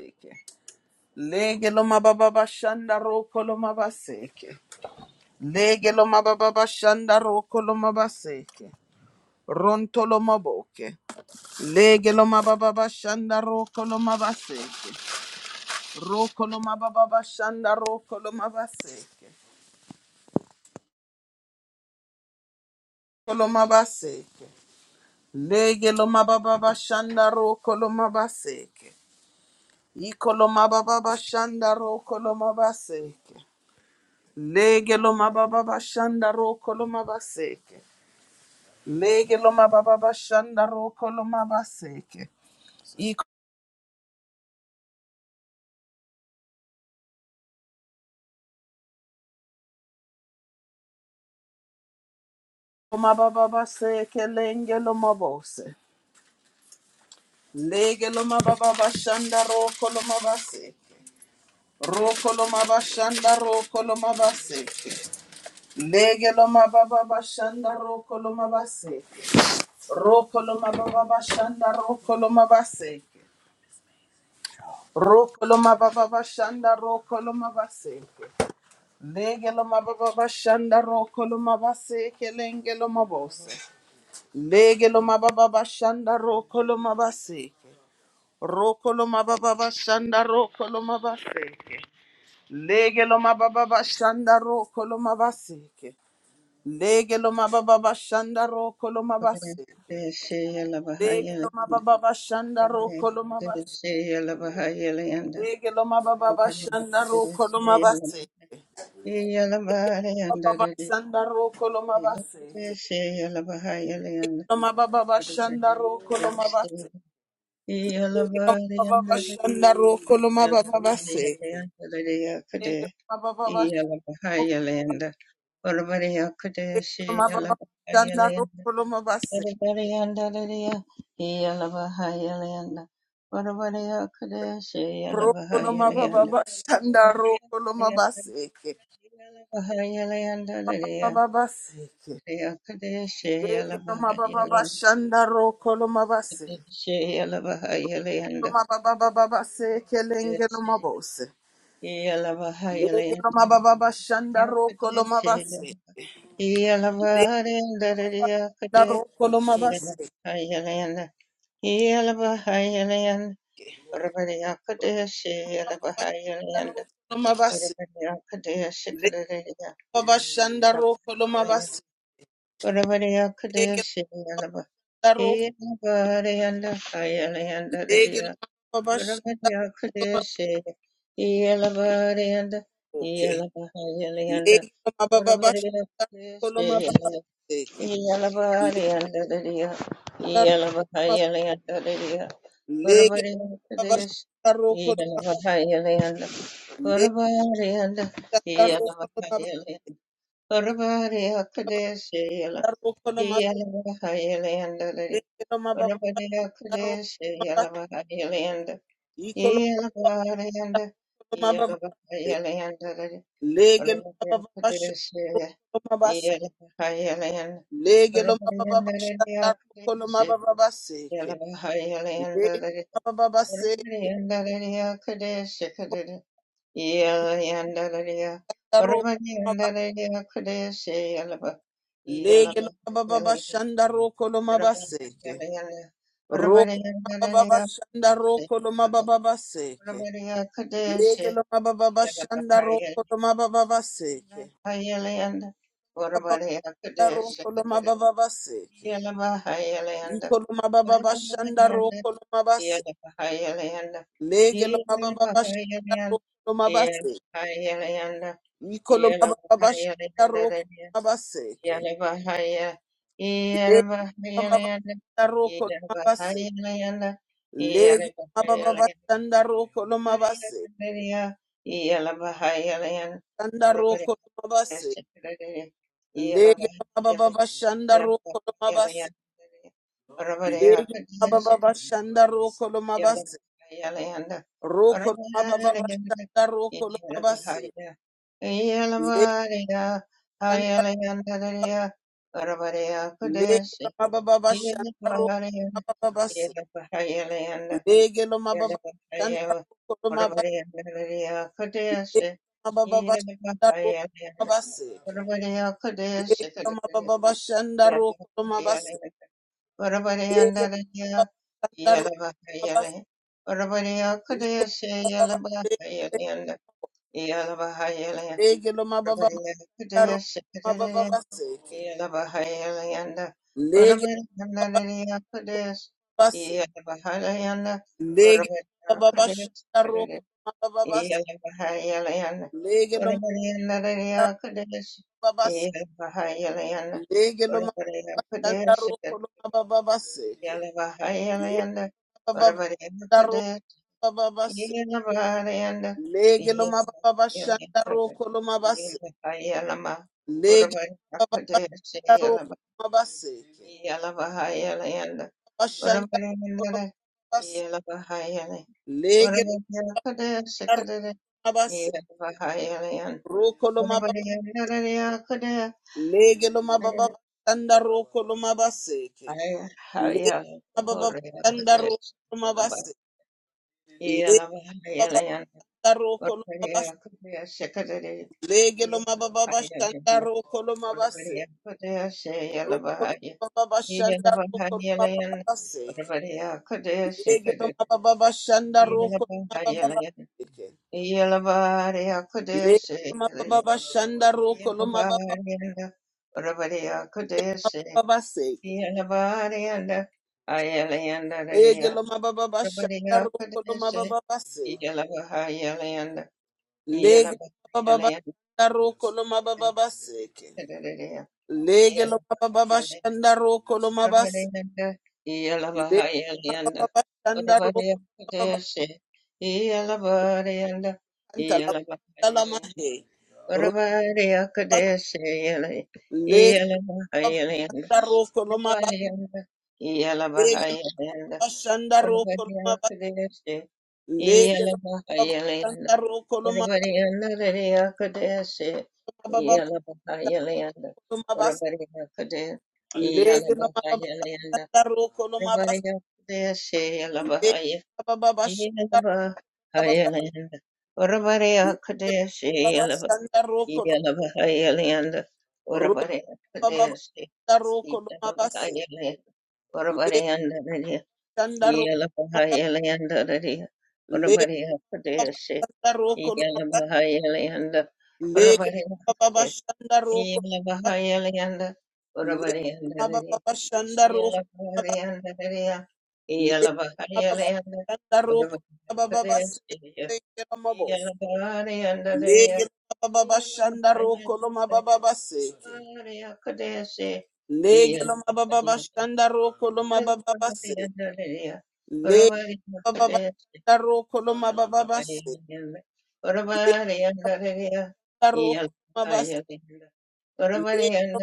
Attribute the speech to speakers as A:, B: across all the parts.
A: Seke. Lege lo mababa bashanda roko lo mabaseke. Lege lo mababa bashanda roko lo mabaseke. Ronto lo maboke. Lege lo mababa bashanda roko lo mabaseke. Roko lo mababa bashanda roko lo mabaseke. Roko lo mabaseke. Lege lo mababa bashanda roko lo mabaseke. Iko lo mababa bashanda roko lo mabaseke. Lege lo mababa bashanda roko lo mabaseke. Lege lo mababa bashanda roko lo mabaseke. Iko lo mababa baseke lenge lo mabose. Lege lo mababa bashanda roko lo mabaseke. Roko lo mabashanda roko lo mabaseke. Lege lo mababa bashanda roko lo mabaseke. Roko lo mababa bashanda roko lo mabaseke. Roko lo mababa bashanda roko lo mabaseke. Legelo mababa bashanda roko lo mabase kelenge mabose. Lege mababa bashanda roko lo mabase. Roko lo mababa bashanda roko mabase. Lege mababa bashanda roko lo mabase. Lege mababa bashanda roko lo mabase. Lege mababa bashanda roko lo mabase. Lege mababa bashanda roko lo mabase. Baba bashanda roko
B: Yalabahayalanda,
A: Loma baba bashanda roko loma base. Loma baba bashanda roko loma baba base. Loma baba bashanda
B: Orabariya Kadeshi,
A: loma baba
B: Yalabahayalanda,
A: base.
B: Yadavadayandadadaya, Yalavahayalayanda, Vadavadayakadeshe,
A: Roko loma baba
B: Yalavahayalayanda,
A: bashanda roko loma base.
B: Yalavahayalayandadadaya,
A: Baba base.
B: Yakadeshe,
A: Loma baba
B: Yalavahayalayandadadeshe,
A: bashanda roko loma base.
B: Yalavahayalayanda,
A: Loma baba baba base kelenge loma bose. Lege
B: Yalavahayalayanda,
A: Loma baba bashanda roko loma
B: Yakadeshe,
A: base. Loma
B: Yalavadayandadadaya, Yakade,
A: loma base.
B: Yalavahayalayanda, Orabariya Kadeshi Yalabahayalayanda
A: Lomabasi,
B: Orabariya Kadeshi Kadariya
A: Baba Shandaro,
B: Yalabahayalayanda
A: Lomabasi,
B: Orabariya
A: Lege
B: Kadeshi
A: Daro,
B: Yalabahayalayanda Hayalayanda
A: Lege
B: Dariya
A: Lomabash,
B: Orabariya Kadeshi Yalabahayalayanda
A: okay,
B: Yalabahayalayanda
A: Lege Lomababash,
B: Orabariya
A: Lomabasi,
B: Kadeshi yeah.
A: Lege Lomabash, Daro, Lege Daro, Daro, Lomabasi, Lomababash, Daro, Ecolo, Lomabasi, Lege Lomababash,
B: Yeah.
A: Lege
B: What
A: lo
B: about
A: mababa shaka
B: the
A: roko lo mababa seke. Lege lo mababa seke.
B: Akadesh?
A: Roko mababa. Lege lo mababa shanda roko lo mababa seke. Roko mababa shanda roko lo mababa seke. Lege lo mababa shanda roko lo mababa seke. Roko lo mababa seke.
B: Yelabahayalayanda,
A: Iko lo mababa shanda roko lo mababa
B: Yelabahayalayanda,
A: Lege lo mababa shanda
B: Yelabahayalayanda,
A: roko lo mababa
B: Yelabahayalayanda, Yelabahayalayanda,
A: Mikolo mababa sharoko
B: Yelabahayalayanda,
A: mabaseke.
B: Yelabahaya-
A: Lege mababa
B: Yelabahayalayanda,
A: sharoko mabase.
B: Yelabahayalayanda,
A: Lege mababa
B: Yelabahayalayanda,
A: sharoko mabase.
B: Yelabahayalayanda,
A: Sharoko mabase. Lege
B: Yelabahayalayanda,
A: mababa
B: yeah.
A: sharoko mabase. Lege mababa sharoko mabase. Roko mababa sharoko mabase. Lege lege mababa sharoko mabase. Lege mababa sharoko Lege
B: Orabariyandalaya iyalabahayale orabariyakudeyaseyalabahayalayanda iyalabahayalaya orabariyakudeyasekadeya iyalabahayalayanda orabariyandaliyakudeyas iyalabahayalayanda orabariyakudeyasekadeya iyalabahayalayanda orabariyandaliyakudeyas iyalabahayalayanda Yala Bahayala yanda. Whatabody and the Kadet, Yala Bahayanda,
A: Lege lo mababa shanda roko lo mabase.
B: Yalama,
A: Lege
B: Whatabody
A: lo mababa
B: Kadet,
A: shanda roko lo
B: Yalama,
A: mabase.
B: Yala Bahayala yanda
A: Bashanda
B: Whatabody and the
A: roko lo
B: yala.
A: mabase.
B: Yalabahayalayanda,
A: Lege
B: Varavareyakadaya,
A: lo
B: Yelavarayanda, Yelavarayanda, Yelavahayalama, Varavareyakadaya, Seyalama,
A: mabase.
B: Yalavahayalayanda,
A: Roko lo mababa.
B: Varavareyanda, Yelavahayalay, Varavareyakadaya, Sekadaya, Yelavahayalayanda, Varavareyakadaya,
A: Lege lo mababa
B: Hayalaya,
A: shanda roko lo mabase. Lege lo mababa shanda
B: Varavareyakadaya,
A: roko lo
B: Yelava-
A: mabase. Lege lo mababa shanda
B: Yelavahayalayanda,
A: roko lo
B: Oraya
A: mabase.
B: kudaya sekadere
A: Lege lo mababa
B: yalabahaya
A: shanda
B: debla
A: roko lo mabase.
B: oraya kudaya se
A: Roko lo
B: yalabahaya
A: mababa shanda roko lo
B: yalabahaya layan
A: mabase.
B: oraya kudaya
A: Legelo
B: sekadere
A: mababa shanda roko no
B: yalabahaya
A: mababa
B: layan
A: seke.
B: yalabahaya kudaya se
A: Legelo
B: layan
A: mababa shanda roko lo mababa
B: yalabahaya da oraya kudaya se
A: seke.
B: yalabahaya da ayalayan da oraya
A: Legelo mababa shanda roko lo
B: kudaya se
A: mababa seke.
B: yalabahaya layan
A: Legelo
B: yalabahaya
A: mababa
B: layan
A: shanda roko lo mababa seke.
B: Yalabahayalanda,
A: Legelo mababa shanda roko lo mababa seke. Lege no Mababa shanda roko lo mababa kanta la kanta la mahe. Roba legelo mababa shanda roko lo mababa legelo mababa shanda roko no mababa. Lege lo mababa sanda roko lo mababa
B: Everybody another yakadesi
A: baba
B: yala baka
A: sanda
B: yala yanda.
A: lo mabas.
B: Everybody yakade yala
A: Lege lo
B: baka
A: mababa
B: yala yanda.
A: sanda roko lo mabas.
B: Everybody yakadesi yala
A: Lege
B: baka
A: lo mababa sanda
B: yala baka
A: baba.
B: yala yanda. Everybody
A: Lege lo
B: yakadesi
A: mababa
B: yala baka
A: sanda roko lo
B: yala baka yala yanda.
A: roko
B: Everybody
A: mababa
B: yakadesi
A: sanda roko lo
B: yala
A: mabas.
B: baka yala yanda. Everybody
A: Lege
B: yanda
A: sanda ro
B: yala baka yala yanda.
A: lege
B: Everybody
A: mababa
B: yakadesi.
A: sanda roko lo
B: Iyala bahayaliyanda
A: lege mababa
B: orabariyande.
A: sanda roko
B: Iyala bahayaliyanda
A: lege
B: orabariyanda dadi.
A: mababa sanda roko
B: Iyala bahariyanda dadiya.
A: lege
B: Iyala
A: mababa
B: bahayaliyanda
A: sanda roko mababa
B: orabariyakadeshiya.
A: sanda
B: Iyala bahariyanda dadiya.
A: Lege baba
B: Iyala
A: shanda roko loma
B: bahayaliyanda
A: baba baseke.
B: orabariyakudeshi.
A: Lege
B: Iyala
A: loma baba
B: bahayaliyanda
A: shanda roko loma baba baseke.
B: orabariyanda dadiya.
A: Lege baba
B: Orabariyakadeshi.
A: shanda roko loma baba
B: Yeah.
A: baseke. Lege roko loma baseke. Lege loma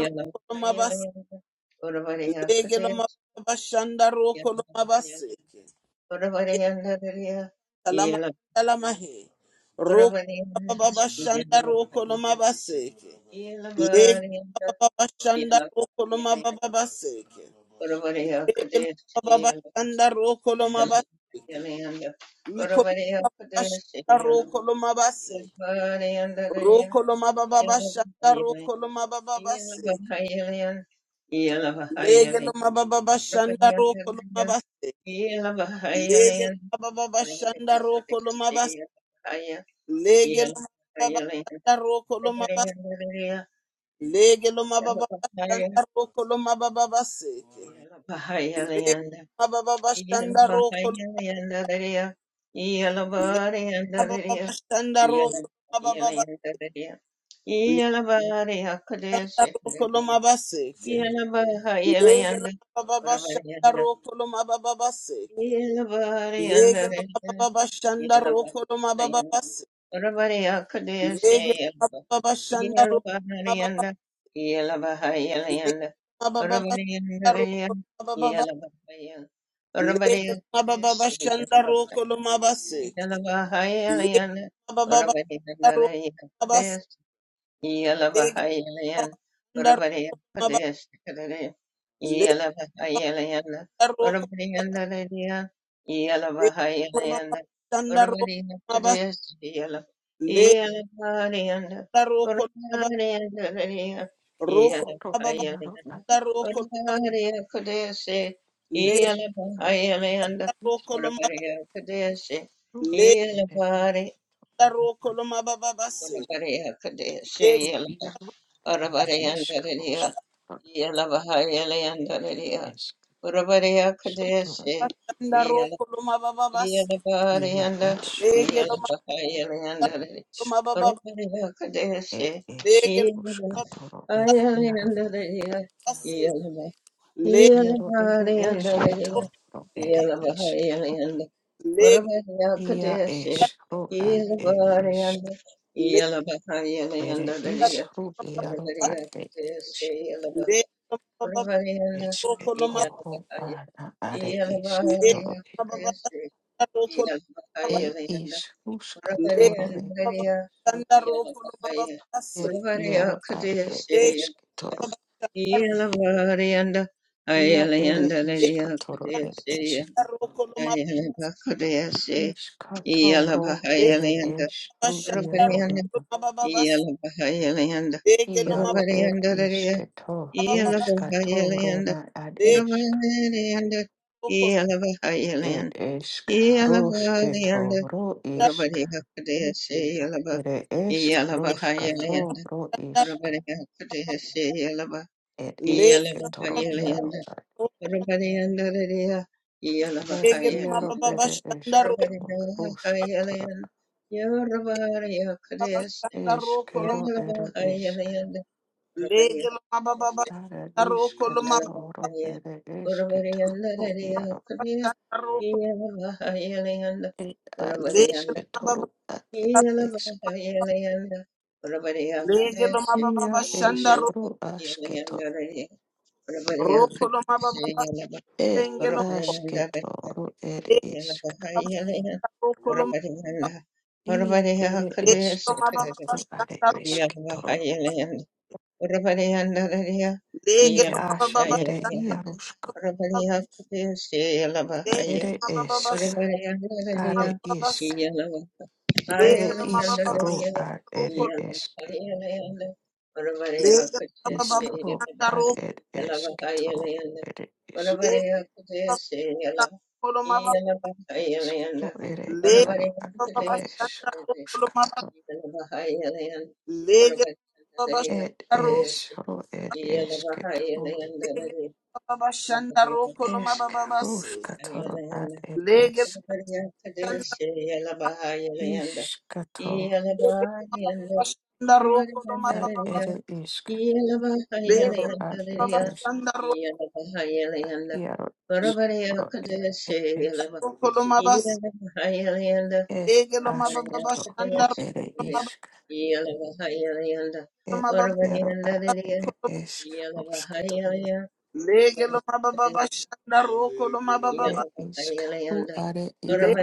A: roko loma baseke. Lege loma baba shanda roko loma baseke. Salama salama he. Roko loma baba shanda roko loma baseke. Lege baba shanda roko loma baba baseke. Babashanda rokolomabas ikolomabashanda rokolomabase.
B: Yeah.
A: rokolomababashanda rokolomababase
B: Iyalabari
A: legelomababashanda rokolomabase legelomababashanda rokolomabas legelomababashanda rokolomabas legelomababashanda rokolomababase legelomababashanda rokolomababashanda rokolomababase
B: akadesi.
A: Koloma baseke.
B: Yelabaha
A: Lege
B: yelayanda
A: loma baba shanda
B: orabariyanda
A: ro koloma baba baseke.
B: yelabariyanda
A: Lege loma baba shanda ro
B: yelabaha
A: koloma baba
B: yelayanda
A: baseke.
B: orabariyakadeshe
A: Lege loma
B: yelabaha
A: baba shanda ro koloma baba
B: yelabariyanda yelabaha
A: lege
B: yelayanda
A: loma baba
B: orabariyanda
A: shanda ro koloma baba
B: yelabaha yelayanda
A: lege loma baba
B: orabariyakadeshe
A: shanda ro
B: yelabaha
A: koloma baseke.
B: yelabaha
A: Lege
B: yelayanda
A: loma baba shanda ro koloma baseke. Lege loma baba shanda ro koloma baba lege loma baba
B: orabariyanda Yelavahayelian, Urabadiya Padesh, Yelavahayelian, Urabadiya, Yelavahayelian,
A: shanda ro
B: Urabadiya
A: koloma
B: Padesh,
A: baba
B: Yelavahayelian,
A: da roko baba
B: Urabadiya, Yelavahayelian, Urabadiya
A: roko baba da roko baba
B: Padesh,
A: le
B: Yelavahayelian,
A: da roko loma
B: Urabadiya Padesh,
A: le
B: Yelavahayelian,
A: da roko loma baba base
B: Urabadiya
A: le
B: Padesh, Arabarayandararia,
A: baba
B: Yelavaharayandararia, Urabaraya Kadeshi,
A: basse da roko loma baba base
B: Yelavarayanda,
A: le ge loma
B: Yelavahayandararia,
A: loma baba
B: Urabaraya Kadeshi,
A: le ge loma baba
B: Yelavarayandararia,
A: base
B: Yelava-
A: le
B: Yelavarayandararia, Yelavahayandararia,
A: le
B: Urabaraya Kadeshi, Yelavarayanda,
A: le
B: Yelavahayandararia, Orabariya Kudesi Yelava
A: le loma baba
B: Orabariyanda
A: roko loma
B: Yelavakaya
A: le
B: Yelavariya
A: baba basse
B: Kudesi
A: da roko loma baba
B: Yelavakaya Yelanda
A: le baba
B: Orabariyandariya
A: basse da roko loma baba
B: Yelavakaya
A: base
B: Orabariya
A: le
B: Kudesi
A: baba
B: Yelavariyanda Ayalayandariya Kudesi
A: da
B: Ayalava Kudesi
A: Legelo
B: Yelavakaya Yelanda Orabariyanda Yelavakaya Yelanda Yelavahayalayanda, Uravahayalayanda, Yelavahayalayanda, Yelavahayalayanda, Uravadihakadeshe, Yelava, Yelavahayalayanda, Uravadihakadeshe, Yelava, Yelavahayalayanda, Uravadihandariya,
A: ma
B: Yelavahayalayanda, Uravadihayalayanda, Yelavahayalayanda, Yelavahayalayanda, Uravadihakadeshe, Yeah.
A: baba
B: Parabrahmaya Pratyaksha Lavahaya
A: baba
B: Parabrahmaya
A: Lege
B: Niraya Hiya Lavahaya Haya Niraya Hiya Lavahaya Nayanda Parabrahmaya Pratyaksha Lavahaya Nayanda Parabrahmaya Pratyaksha Lavahaya Hiya Lavahaya Nayanda Parabrahmaya Pratyaksha Lavahaya Nayanda Parabrahmaya Pratyaksha Hiya Lavahaya Nayanda yeah.
A: Lege lo mababa shanda roko lo mababa
B: Yeah.
A: lege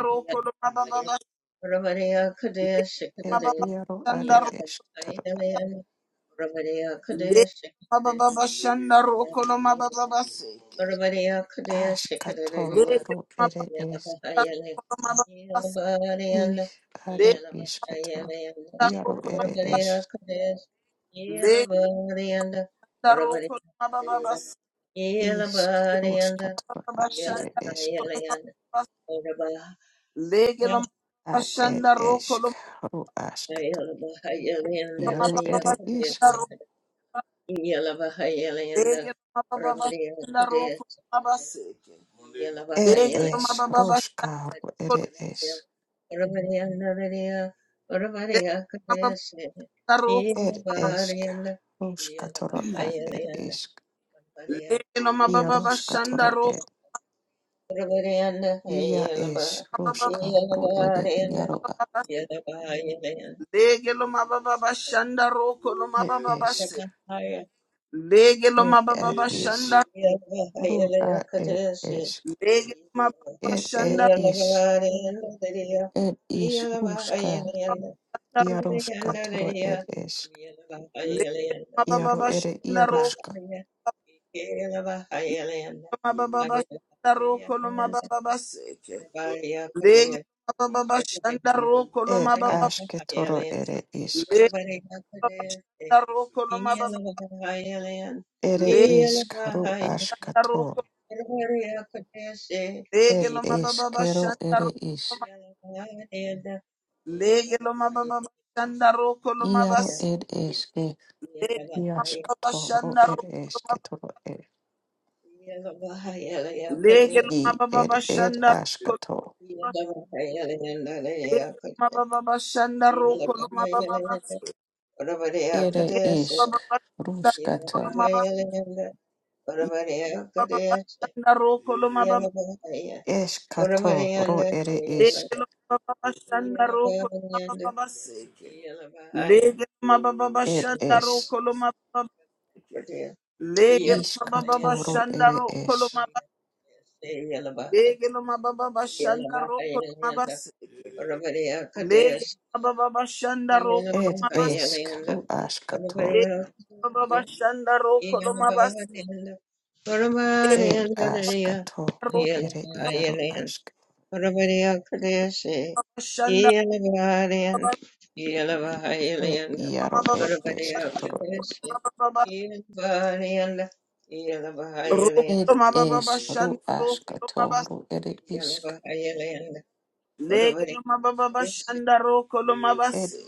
A: roko lo mababa lege lo mababa shanda ro lege lo mababa shanda roko lo mababa seke lege lo mababa roko lo mababa lege roko lege roko lo mababa bas-
B: Yela bara yanda,
A: mababa
B: yela
A: shanda
B: bara yela yanda,
A: ba
B: ora bara,
A: lege lo mababa shanda roko lo
B: yela bara yela yanda, lele ya
A: mababa
B: kude
A: shanda ro
B: sekade, yela bara yela yanda,
A: lege lo mababa
B: rabari ya
A: shanda
B: kude
A: roko lo mababa
B: sekade,
A: seke
B: yela ba
A: lege
B: yela yanda,
A: lo mababa bashanda
B: lele ya, rabari yanda lele ya, rabari ya kude sekade,
A: Roko,
B: yela bara yanda, yela ba yela yanda, rabari
A: lege lo
B: ya.
A: mababa bashanda roko
B: Yeah.
A: mababa, lege lo mababa bashanda roko lo mababa base, lege lo mababa bashanda, lege lo mababa bashanda, lege lo mababa bashanda roko lo mababa bashanda roko lo mababa baseke, lege lo mababa bashanda roko lo mababa,
B: Yeah.
A: lege lo mababa bashanda roko lo mababa, lege lo roko, lege lo mababa bashanda roko. Lege lo mababa bashanda roko lo mabasi. Lege lo bashanda roko. Lege lo mababa bashanda roko lo mabasi. Lege lo mababa bashanda roko lo mababa basi. Lege lo mababa bashanda
B: Ora bariya kadeya
A: roko lo mabasi. Mababa bashanda roko lo mababa.
B: Yeah.
A: Lege lo mababa bashanda roko lo mababa basi. Lege lo mababa bashanda roko lo mababa basi. Lege lo mababa bashanda roko lo mababa. Lege no mababa bashanda roko no mabase. Lege no mababa bashanda roko no mabase. Lege no mababa bashanda roko no mabase. Lege no roko
B: Parabriya Kadesi,
A: bashanda
B: Yelavarian,
A: mabase
B: Yelavahayalianda,
A: no mababa
B: Parabriya
A: bashanda no
B: Kadesi,
A: mababa
B: Yelavarianda,
A: roko
B: Yelavahayalianda,
A: no mababa bashanda roko no mabase.
B: Yelavahayalianda,
A: Lege no
B: Parabriya
A: mababa
B: Kadesi,
A: bashanda roko no mabase.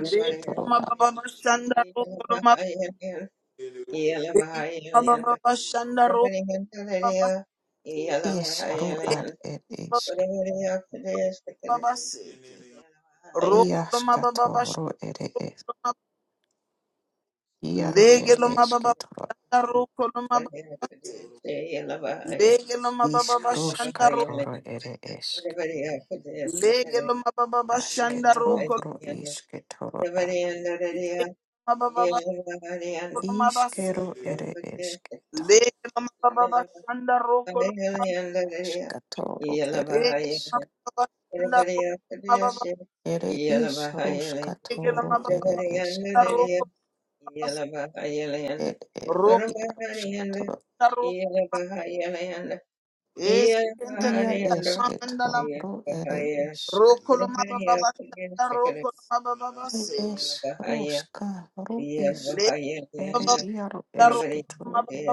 A: Lege no
B: Kadesi,
A: mababa bashanda roko no
B: Yelavahayalianda,
A: mababa
B: Yelavahayalianda,
A: bashanda roko
B: Parabriya Kadesi, Yelavahayalianda, Parabriya
A: no
B: Kadesi,
A: mababa
B: Yelavahayalianda,
A: bashanda roko no mababa bashanda Lege lo mababa shanda roko lo mababa.
B: Yeah.
A: Lege lo mababa shanda ro. Lege lo mababa shanda roko. Lege lo mababa lo mabasi. Lege lo mababa shanda roko lo. Lege lo mababa shanda mababa. Lege lo mababa shanda roko lo
B: Ora
A: Roko
B: bahari yanda,
A: na
B: iyala bahari yala yanda,
A: Es kente
B: iyala
A: kanta
B: bahari
A: mahanda la.
B: Iya bahaya,
A: Roko lo
B: berbahaya,
A: mababa
B: berbahaya
A: shanda
B: sekali.
A: roko mababa seke.
B: Iyalah bahaya, iyalah
A: Lege
B: bahaya di
A: lo
B: anda, berbahaya
A: mababa
B: pedih.
A: shanda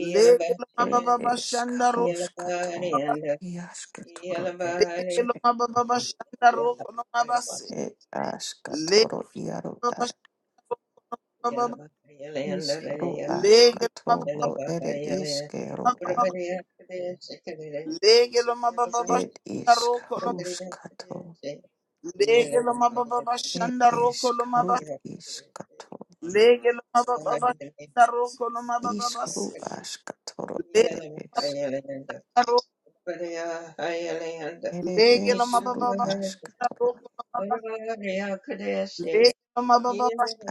B: Iyalah
A: lo
B: bahaya,
A: mababa bashandaro,
B: iyalah bahaya di anda, iyalah bahaya,
A: lege lo mababa bashandaro,
B: bahaya,
A: kono mabase, lege lo
B: iyalah
A: bashababa,
B: bahaya di anda dari ya,
A: lege lo
B: iyalah bahaya di anda.
A: mababa,
B: Berbahaya pedih sekali dari,
A: lege lo
B: iyalah
A: mababa
B: bahaya,
A: bashandaro, kono
B: berbahaya pedih sekali.
A: lege
B: Iyalah
A: lo
B: bahaya di
A: mababa
B: anda, berbahaya pedih sekali.
A: bashandaro, kono mabase, lege lo
B: Iyalah
A: mababa bashandaro, kono mababa
B: bahaya di
A: base,
B: anda.
A: lege
B: Yeah.
A: lo lege lo mababa bashandaro, kono mabase, lege lo mababa bashandaro,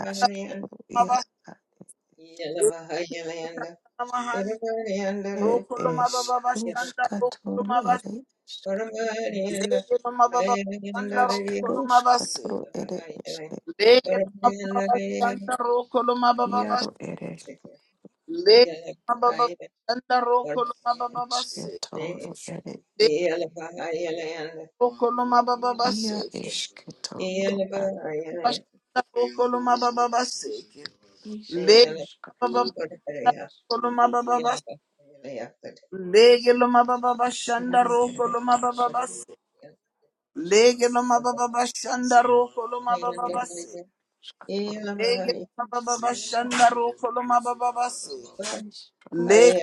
A: kono mabase, lege lo mababa bashandaro, kono mabase, Lege no mababa shanda roko no mabase. Lege no mababa shanda roko no mababa base. Lege no mababa shanda roko no mababa base. Lege roko no mababa base.
B: Yeah.
A: Shanda roko no mababa base. Lege no mababa roko no mababa base. Lege no mababa shanda roko no mababa base. Lege no mababa shanda roko no mababa base. Lege no mababa shanda roko no mababa base. Lege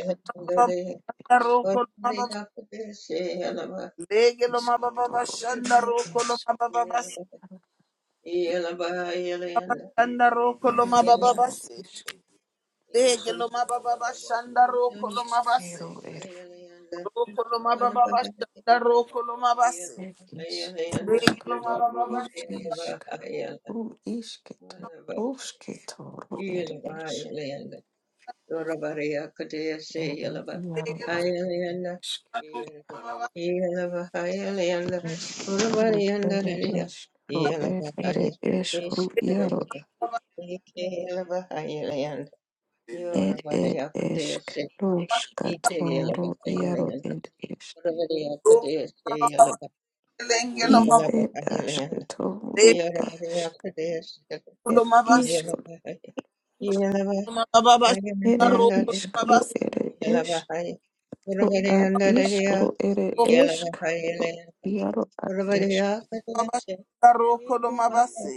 A: lo mababa roko lo mababa. Lege lo mababa shanda roko lo mababa basi. Shanda roko lo mababa basi. Lege lo mababa shanda roko lo mabasi. Roko lo mababa shanda roko lo mabasi. Lege lo mababa shanda
B: Yellow,
A: lege lo mababa. Roko lenge lo mababa. Lege lo mabasi.
B: Yeah.
A: Roko lo mababa shanda roko lo mabasi. Roko lo mababa shanda roko lo mabasi.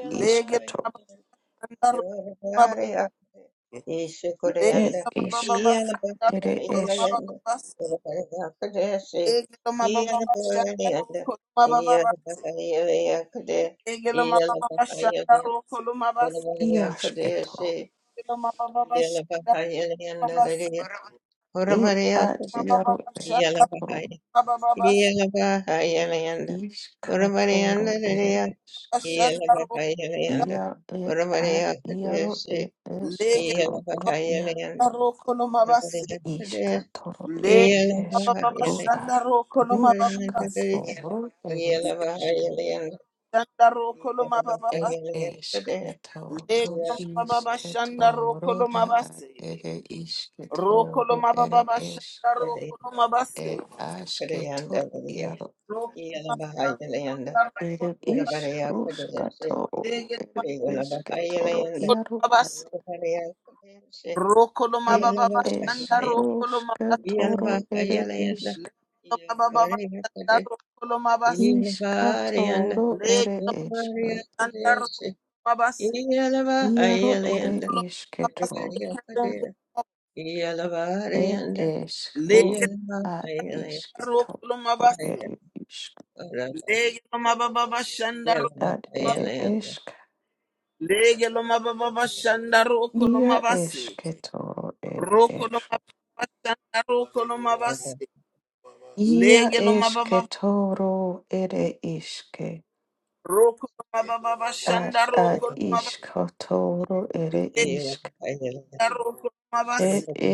A: Lege lo mababa shanda roko lo mabasi. Shandaro koloma baba Lego mababa shanda
B: Yalabahaya Leander, Urabariakade, Yalabahaya, Yalabahaya Leander, Urabarianda, Yalabahaya Leander, Urabariakade, Yalabahaya Leander, Urabariakade, Yalabahaya Leander, Yalabahaya Leander, Yalabahaya Leander, Yalabahaya Leander, Yalabahaya Leander,
A: roko lo mabase. Rokoloma baba bashanda rokoloma base. Rokoloma
B: Urabari Asade Yeah.
A: base. Rokoloma baba bashanda rokoloma base. Legeloma baba bashanda rokoloma base. Legeloma bashanda rokoloma base. Rokoloma baba bashanda Legeloma rokoloma base. Legeloma baba bashanda rokoloma basi. Legeloma baba bashanda rokoloma base. Roko no mababashanda roko no mabase. Lege lo mababa roko no mababashanda roko no mabase. Roko no mabase.
B: Yeah.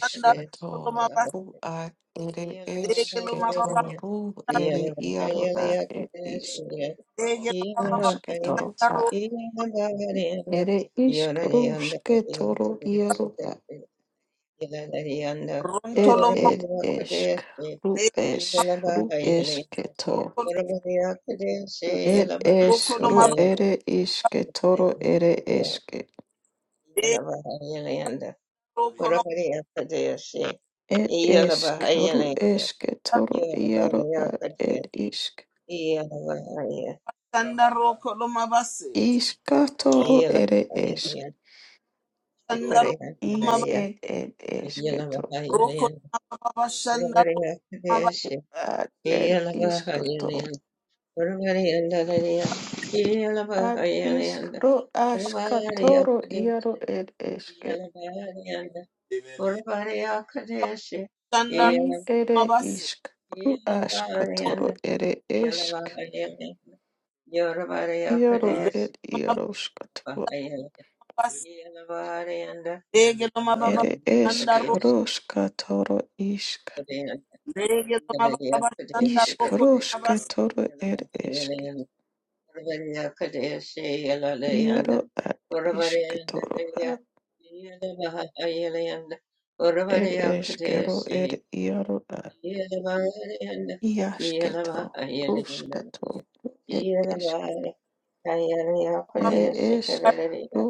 A: Shanda roko no mabase. Lege lo mababa lege lo mababa roko ronto lo mabase roko roko lo mabase
B: Yalabahayalanda,
A: roko no
B: Urabariya Kadesi, Yalabahayaland, Yalabariya Kadesi, Yalabahaya,
A: shanda roko no mabase.
B: Yalabahaya,
A: Shanda
B: Shikariya
A: roko no mabase
B: Kadariya,
A: roko no
B: Yalabahayaland,
A: mababa shanda roko
B: Urabariya Kadesi, Yalabahayaland, Urabariya Dadariya, Yalabahayaland, Urabariya Kadesi, Yalabahayaland, Urabariya Kadesi,
A: mabashanda
B: Yalabahaya,
A: roko
B: Yalabahayaland, Yeah.
A: mabase. Lege loma baba shandaro. ro. Lege loma baba shandaro ro koloma basika.
B: Ayaraya Padaya Sikadariya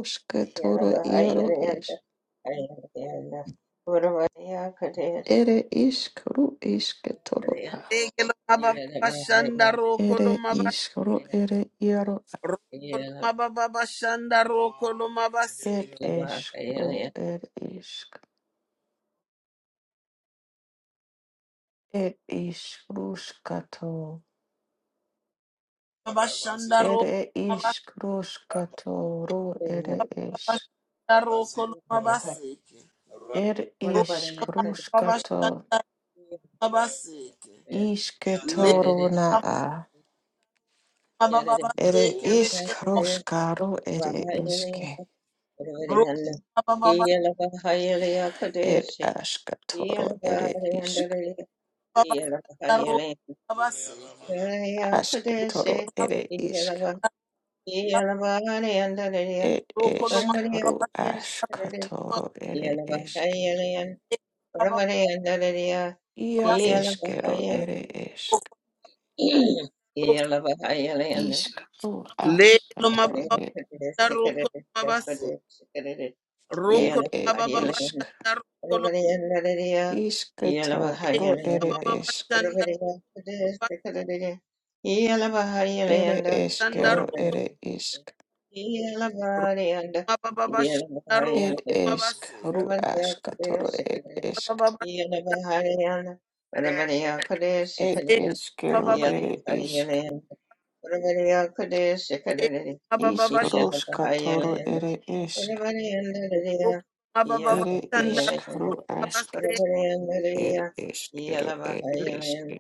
B: Yalaba Ayarayanda Ayarayanda Uravaya Kadaya Sikadariya
A: Lege loma baba
B: Yalaba Ayarayanda
A: shandaro ro koloma ba. Ro
B: Yalaba
A: koloma baba shanda ro koloma basika.
B: Yalaba Ayaraya
A: Baba shandaro ro koloma baba shanda ro koloma
B: Yalaba
A: basika. Ro
B: Uravaya Kadaya
A: baba shanda basika. baba basika
B: Yadadadanda Yadadadanda
A: lege.
B: Kadaya Yalaba Ayarayanda
A: Ro
B: Uravayanda
A: koloma
B: Yalaba Ayaraya Kadaya Yalaba Ayarayanda
A: baba baba
B: Yeah.
A: shanda ro koloma basika. Ro koloma Lelo mababa roko mabase roko mababa bashanda roko
B: Yellow,
A: lelo mababa bashanda roko bashanda roko mababa bashanda roko mabase mababa lelo mababa lelo mababa bashanda roko mababa bashanda roko mabase
B: Whatever Yelava
A: lelo
B: Highland,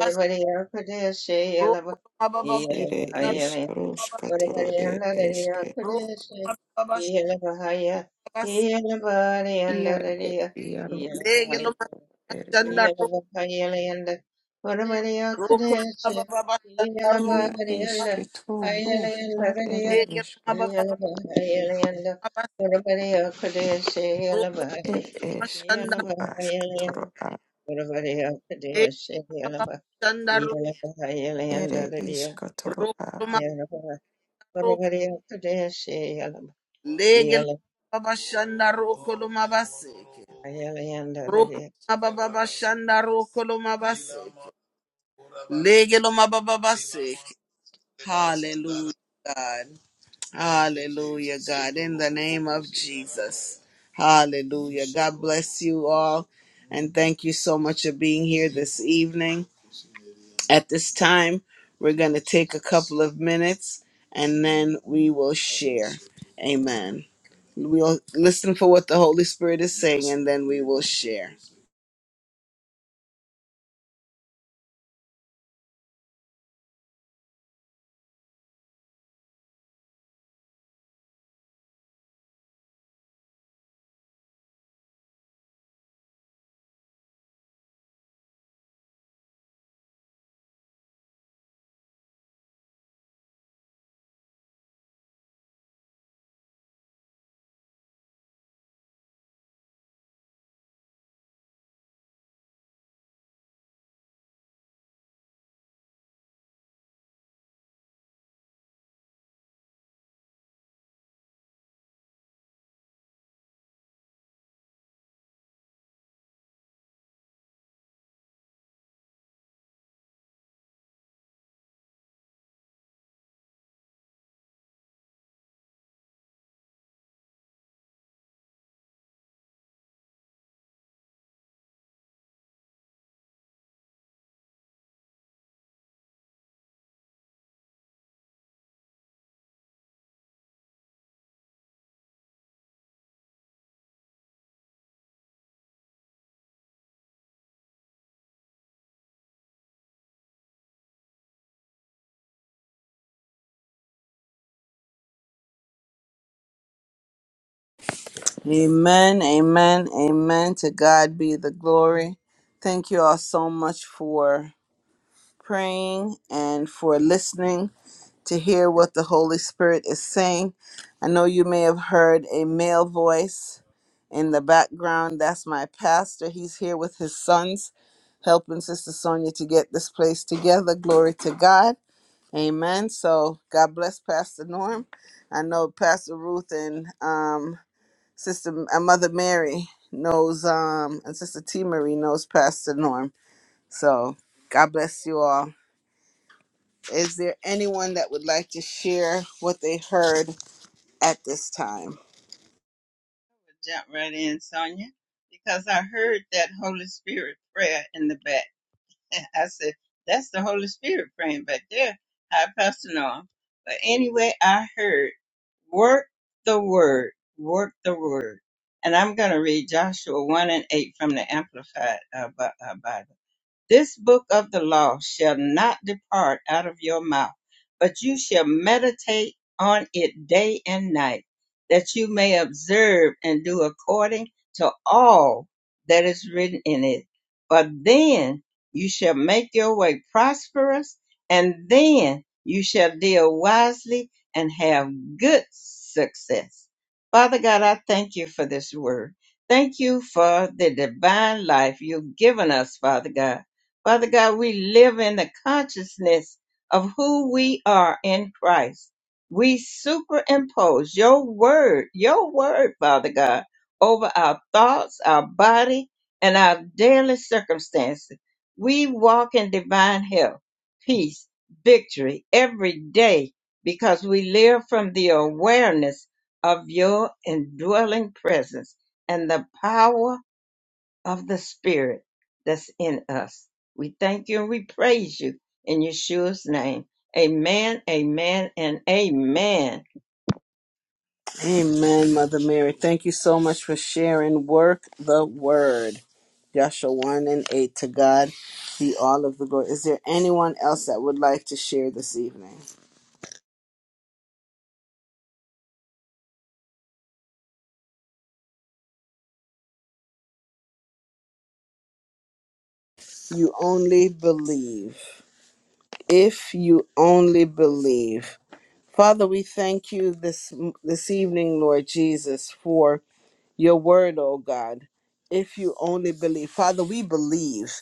A: bas
B: Yakudish,
A: roko
B: Yelava,
A: mababa
B: Yelava
A: bashanda
B: Highland, whatever Yandaria
A: roko
B: Kudish,
A: mababa bashanda
B: Yelava Haya,
A: base
B: Yelava Yandaria,
A: lelo mababa bashanda roko
B: Iyalabahayalayanda,
A: roko
B: Varavaryakadeshe,
A: mababa bashanda roko
B: Iyalabaharyanda, Hayalayanda Radaya,
A: Hallelujah, God.
B: Iyalabahayalayanda,
A: Hallelujah,
B: Varavaryakadeshe,
A: God.
B: Iyalabahaya, Iyalabahayalayanda, Varavaryakadeshe, Iyalaba, Iyalabahayalayanda Radaya, Iyalaba, Varavaryakadeshe, Iyalaba, Iyalabahayalayanda Radaya.
A: In the name of Jesus. Hallelujah. God bless you all. And thank you so much for being here this evening. At this time, we're going to take a couple of minutes and then we will share. Amen. We'll listen for what the Holy Spirit is saying and then we will share. Amen, amen, amen. To God be the glory. Thank you all so much for praying and for listening to hear what the Holy Spirit is saying. I know you may have heard a male voice in the background. That's my pastor. He's here with his sons helping Sister Sonia to get this place together. Glory to God. Amen. So God bless Pastor Norm. I know Pastor Ruth and um, Sister uh, Mother Mary knows, um, and Sister T Marie knows Pastor Norm. So God bless you all. Is there anyone that would like to share what they heard at this time?
B: Jump right in, Sonia, because I heard that Holy Spirit prayer in the back. And I said, that's the Holy Spirit praying back there. Hi, Pastor Noah. But anyway, I heard, work the word, work the word. And I'm going to read Joshua 1 and 8 from the Amplified uh, Bi- uh, Bible. This book of the law shall not depart out of your mouth, but you shall meditate on it day and night, that you may observe and do according to all that is written in it. For then you shall make your way prosperous, and then you shall deal wisely and have good success. Father God, I thank you for this word. Thank you for the divine life you've given us, Father God. Father God, we live in the consciousness of who we are in Christ. We superimpose your word, your word, Father God, over our thoughts, our body, and our daily circumstances. We walk in divine health, peace, victory every day because we live from the awareness of your indwelling presence and the power of the Spirit that's in us. We thank you and we praise you in Yeshua's name. Amen, amen, and amen.
A: Amen, Mother Mary. Thank you so much for sharing. Work the word. Joshua 1 and 8. To God be all of the glory. Is there anyone else that would like to share this evening? You only believe. If you only believe. Father, we thank you this this evening, Lord Jesus, for your word, oh God. If you only believe, Father, we believe.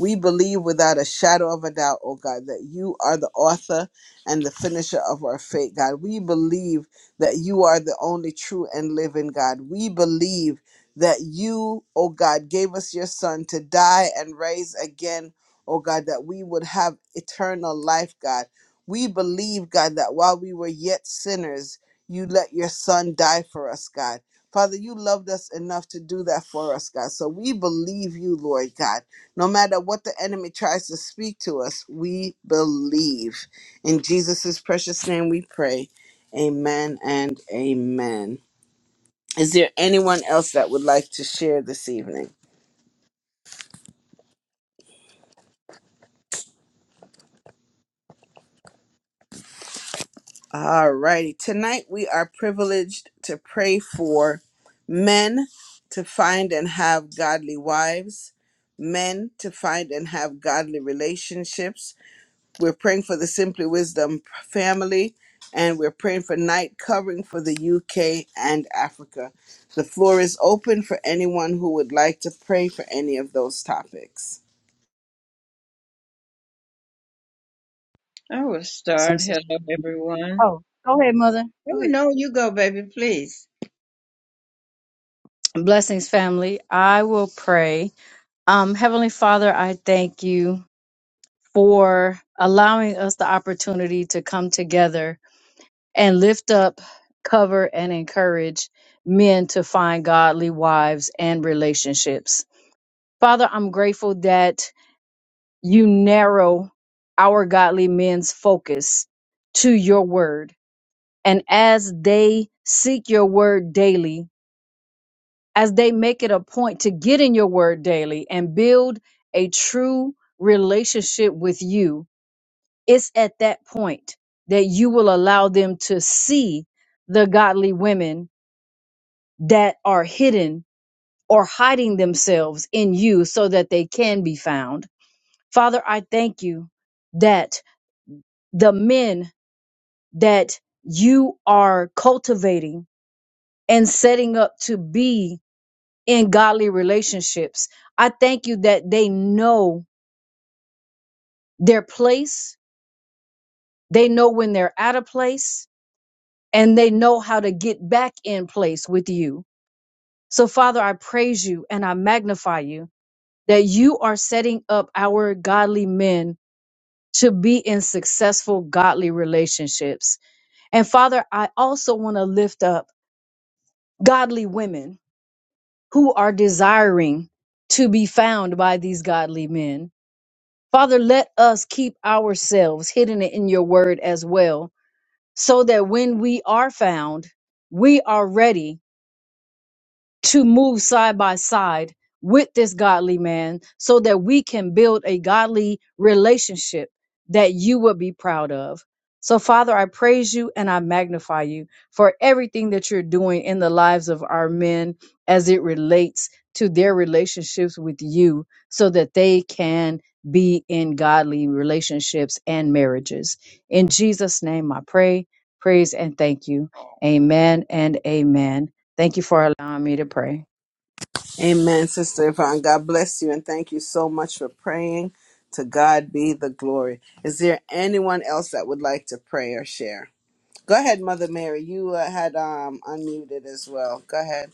A: We believe without a shadow of a doubt, oh God, that you are the author and the finisher of our faith, God. We believe that you are the only true and living God. We believe that you, oh God, gave us your son to die and raise again, oh God, that we would have eternal life, God. We believe, God, that while we were yet sinners, you let your son die for us, God. Father, you loved us enough to do that for us, God. So we believe you, Lord God. No matter what the enemy tries to speak to us, we believe. In Jesus' precious name we pray. Amen and amen. Is there anyone else that would like to share this evening? All righty. Tonight we are privileged to pray for men to find and have godly wives, men to find and have godly relationships We're praying for the Simply Wisdom family, and we're praying for night covering for the UK and Africa. The floor is open for anyone who would like to pray for any of those topics.
B: I will start.
C: Blessings, sister.
B: Hello, everyone.
C: Oh, go ahead, mother.
B: Oh,
C: Go ahead.
B: no, you go, baby, please.
C: Blessings, family. I will pray. Um, Heavenly Father, I thank you for allowing us the opportunity to come together and lift up, cover, and encourage men to find godly wives and relationships. Father, I'm grateful that you narrow our godly men's focus to your word. And as they seek your word daily, as they make it a point to get in your word daily and build a true relationship with you, it's at that point that you will allow them to see the godly women that are hidden or hiding themselves in you so that they can be found. Father, I thank you that the men that you are cultivating and setting up to be in godly relationships. I thank you that they know their place, they know when they're out of place, and they know how to get back in place with you. So, Father, I praise you and I magnify you that you are setting up our godly men to be in successful godly relationships. And Father, I also want to lift up godly women who are desiring to be found by these godly men Father, let us keep ourselves hidden in your word as well, so that when we are found, we are ready to move side by side with this godly man so that we can build a godly relationship that you will be proud of. So, Father, I praise you and I magnify you for everything that you're doing in the lives of our men as it relates to their relationships with you so that they can be in godly relationships and marriages. In Jesus' name, I pray, praise, and thank you. Amen and amen. Thank you for allowing me to pray.
A: Amen, Sister Yvonne. God bless you, and thank you so much for praying. To God be the glory. Is there anyone else that would like to pray or share? Go ahead, Mother Mary. You uh, had um, unmuted as well. Go ahead.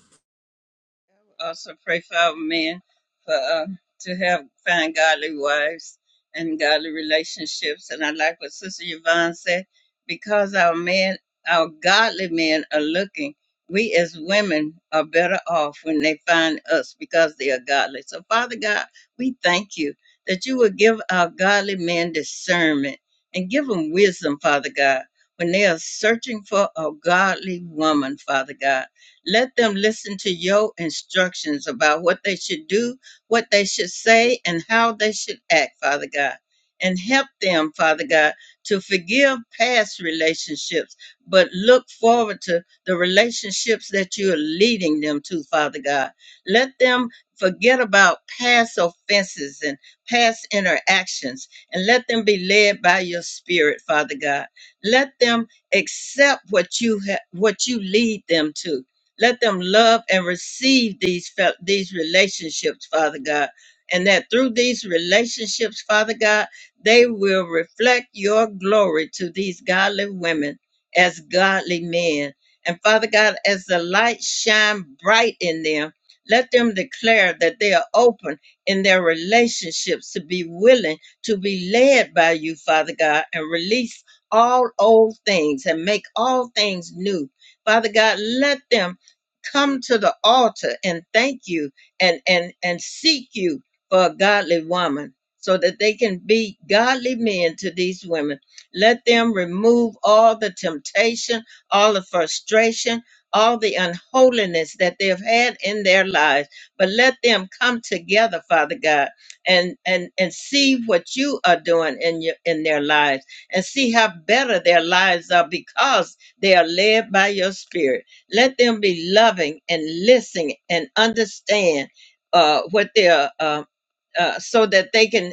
B: also pray for our men for uh, to have find godly wives and godly relationships. And I like what Sister Yvonne said, because our men, our godly men are looking, we as women are better off when they find us because they are godly. So Father God, we thank you that you will give our godly men discernment and give them wisdom, Father God, when they are searching for a godly woman, Father God. Let them listen to your instructions about what they should do, what they should say, and how they should act, Father God. And help them, Father God, to forgive past relationships, but look forward to the relationships that you are leading them to, Father God. Let them forget about past offenses and past interactions, and let them be led by your spirit, Father God. Let them accept what you ha- what you lead them to let them love and receive these fel- these relationships, Father God, and that through these relationships, Father God, they will reflect your glory to these godly women as godly men. And Father God, as the light shine bright in them, let them declare that they are open in their relationships to be willing to be led by you, Father God, and release all old things and make all things new. Father God, let them come to the altar and thank you and and and seek you for a godly woman so that they can be godly men to these women let them remove all the temptation all the frustration all the unholiness that they've had in their lives but let them come together father god and and and see what you are doing in your in their lives and see how better their lives are because they are led by your spirit let them be loving and listening and understand uh, what they're, uh, uh, so that they can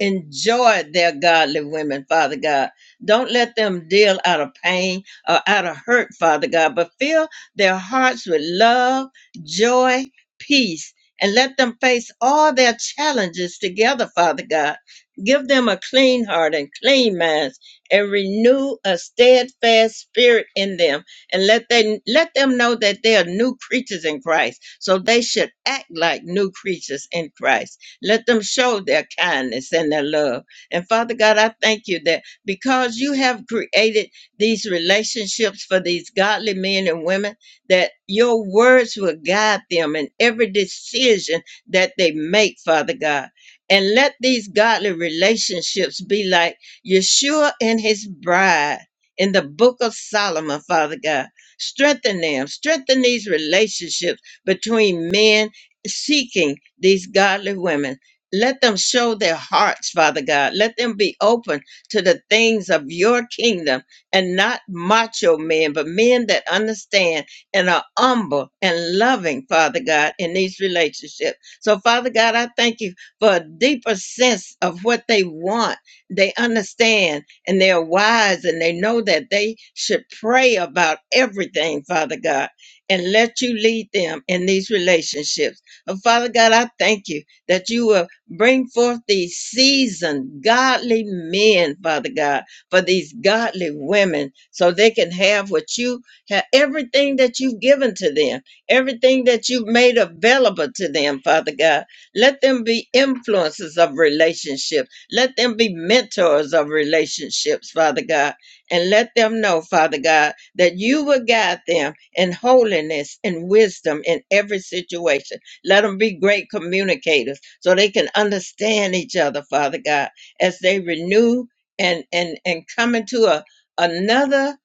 B: enjoyed their godly women, Father God. Don't let them deal out of pain or out of hurt, Father God, but fill their hearts with love, joy, peace, and let them face all their challenges together, Father God. Give them a clean heart and clean minds and renew a steadfast spirit in them and let they let them know that they are new creatures in Christ. So they should act like new creatures in Christ. Let them show their kindness and their love. And Father God, I thank you that because you have created these relationships for these godly men and women, that your words will guide them in every decision that they make, Father God. And let these godly relationships be like Yeshua and his bride in the book of Solomon, Father God. Strengthen them, strengthen these relationships between men seeking these godly women. Let them show their hearts, Father God. Let them be open to the things of your kingdom and not macho men, but men that understand and are humble and loving, Father God, in these relationships. So, Father God, I thank you for a deeper sense of what they want. They understand and they're wise and they know that they should pray about everything, Father God, and let you lead them in these relationships. And Father God, I thank you that you will bring forth these seasoned, godly men, Father God, for these godly women, so they can have what you have, everything that you've given to them, everything that you've made available to them, Father God. Let them be influences of relationships. Let them be mentors of relationships, Father God. And let them know, Father God, that you will guide them in holiness and wisdom in every situation let them be great communicators so they can understand each other, Father God, as they renew and and and come into a another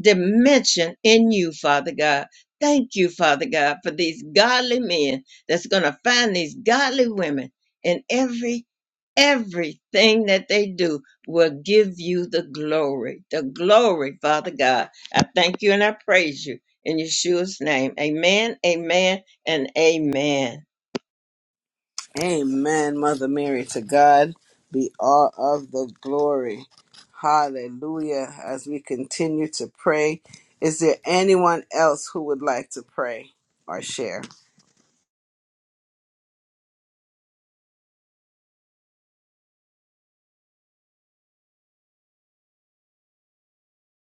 B: dimension in you, Father God. Thank you, Father God, for these godly men that's going to find these godly women and every everything that they do will give you the glory. The glory, Father God. I thank you and I praise you in Yeshua's name. Amen, amen, and amen.
A: Amen, Mother Mary. To God be all of the glory. Hallelujah. As we continue to pray, is there anyone else who would like to pray or share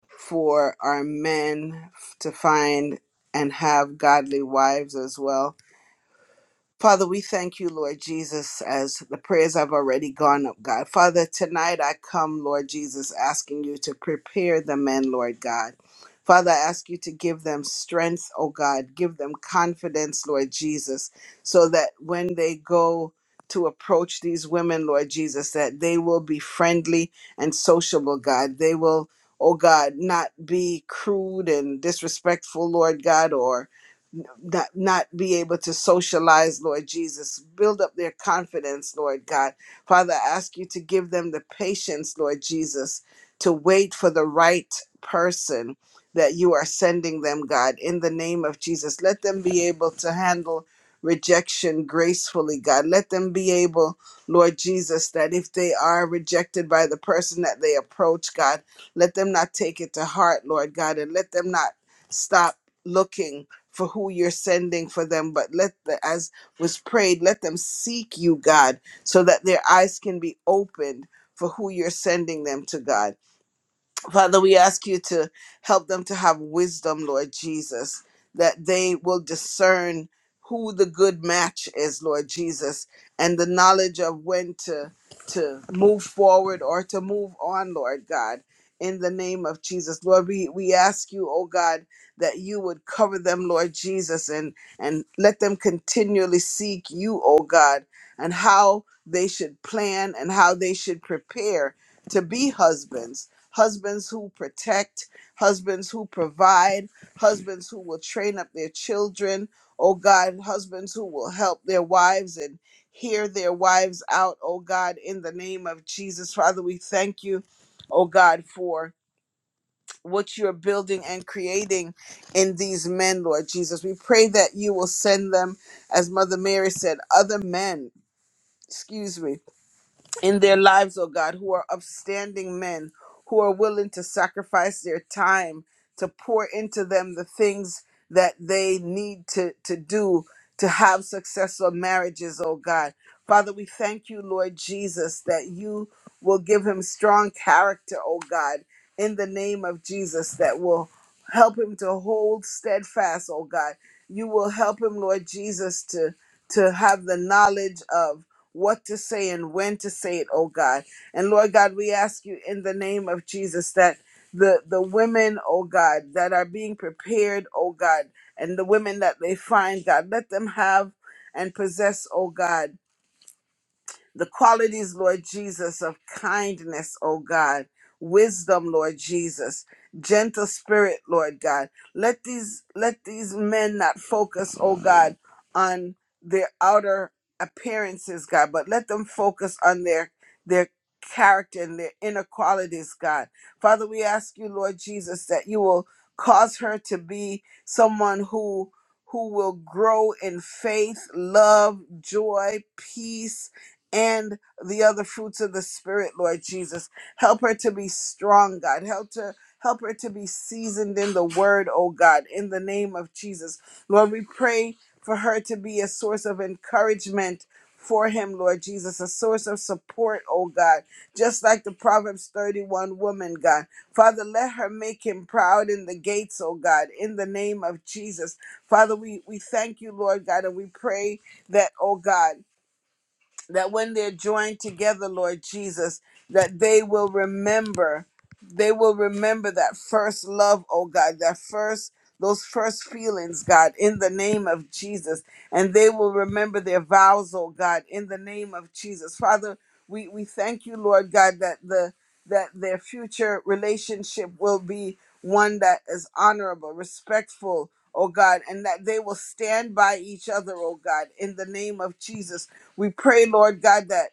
A: for our men to find and have godly wives as well? Father, we thank you, Lord Jesus, as the prayers have already gone up, God. Father, tonight I come, Lord Jesus, asking you to prepare the men, Lord God. Father, I ask you to give them strength, oh God. Give them confidence, Lord Jesus, so that when they go to approach these women, Lord Jesus, that they will be friendly and sociable, God. They will, oh God, not be crude and disrespectful, Lord God, or not not be able to socialize, Lord Jesus. Build up their confidence, Lord God. Father, I ask you to give them the patience, Lord Jesus, to wait for the right person that you are sending them, God, in the name of Jesus. Let them be able to handle rejection gracefully, God. Let them be able, Lord Jesus, that if they are rejected by the person that they approach, God, let them not take it to heart, Lord God, and let them not stop looking for who you're sending for them, but let the, as was prayed, let them seek you, God, so that their eyes can be opened for who you're sending them to, God. Father, we ask you to help them to have wisdom, Lord Jesus, that they will discern who the good match is, Lord Jesus, and the knowledge of when to to move forward or to move on, Lord God. In the name of Jesus, Lord, we, we ask you, oh God, that you would cover them, Lord Jesus, and and let them continually seek you, oh God, and how they should plan and how they should prepare to be husbands husbands who protect, husbands who provide, husbands who will train up their children, oh God, husbands who will help their wives and hear their wives out, oh God, in the name of Jesus. Father, we thank you, oh God, for what you're building and creating in these men, Lord Jesus. We pray that you will send them, as Mother Mary said, other men, excuse me in their lives, oh God, who are upstanding men, who are willing to sacrifice their time to pour into them the things that they need to, to do to have successful marriages, oh God. Father, we thank you, Lord Jesus, that you will give him strong character, oh God, in the name of Jesus, that will help him to hold steadfast, oh God. You will help him, Lord Jesus, to to have the knowledge of what to say and when to say it, oh God. And Lord God, we ask you in the name of Jesus that the, the women, oh God, that are being prepared, oh God, and the women that they find, God, let them have and possess, oh God the qualities, Lord Jesus, of kindness, oh God, wisdom, Lord Jesus, gentle spirit, Lord God. Let these let these men not focus, oh God, on their outer appearances, God, but let them focus on their their character and their inner qualities, God. Father, we ask you, Lord Jesus, that you will cause her to be someone who who will grow in faith, love, joy, peace, and the other fruits of the spirit lord jesus help her to be strong god help her, help her to be seasoned in the word oh god in the name of jesus lord we pray for her to be a source of encouragement for him lord jesus a source of support oh god just like the proverbs 31 woman god father let her make him proud in the gates oh god in the name of jesus father we we thank you lord god and we pray that oh god that when they're joined together, Lord Jesus, that they will remember, they will remember that first love, oh God, that first, those first feelings, God, in the name of Jesus. And they will remember their vows, oh God, in the name of Jesus. Father, we, we thank you, Lord God, that the that their future relationship will be one that is honorable, respectful, oh God, and that they will stand by each other, oh God, in the name of Jesus we pray, Lord God, that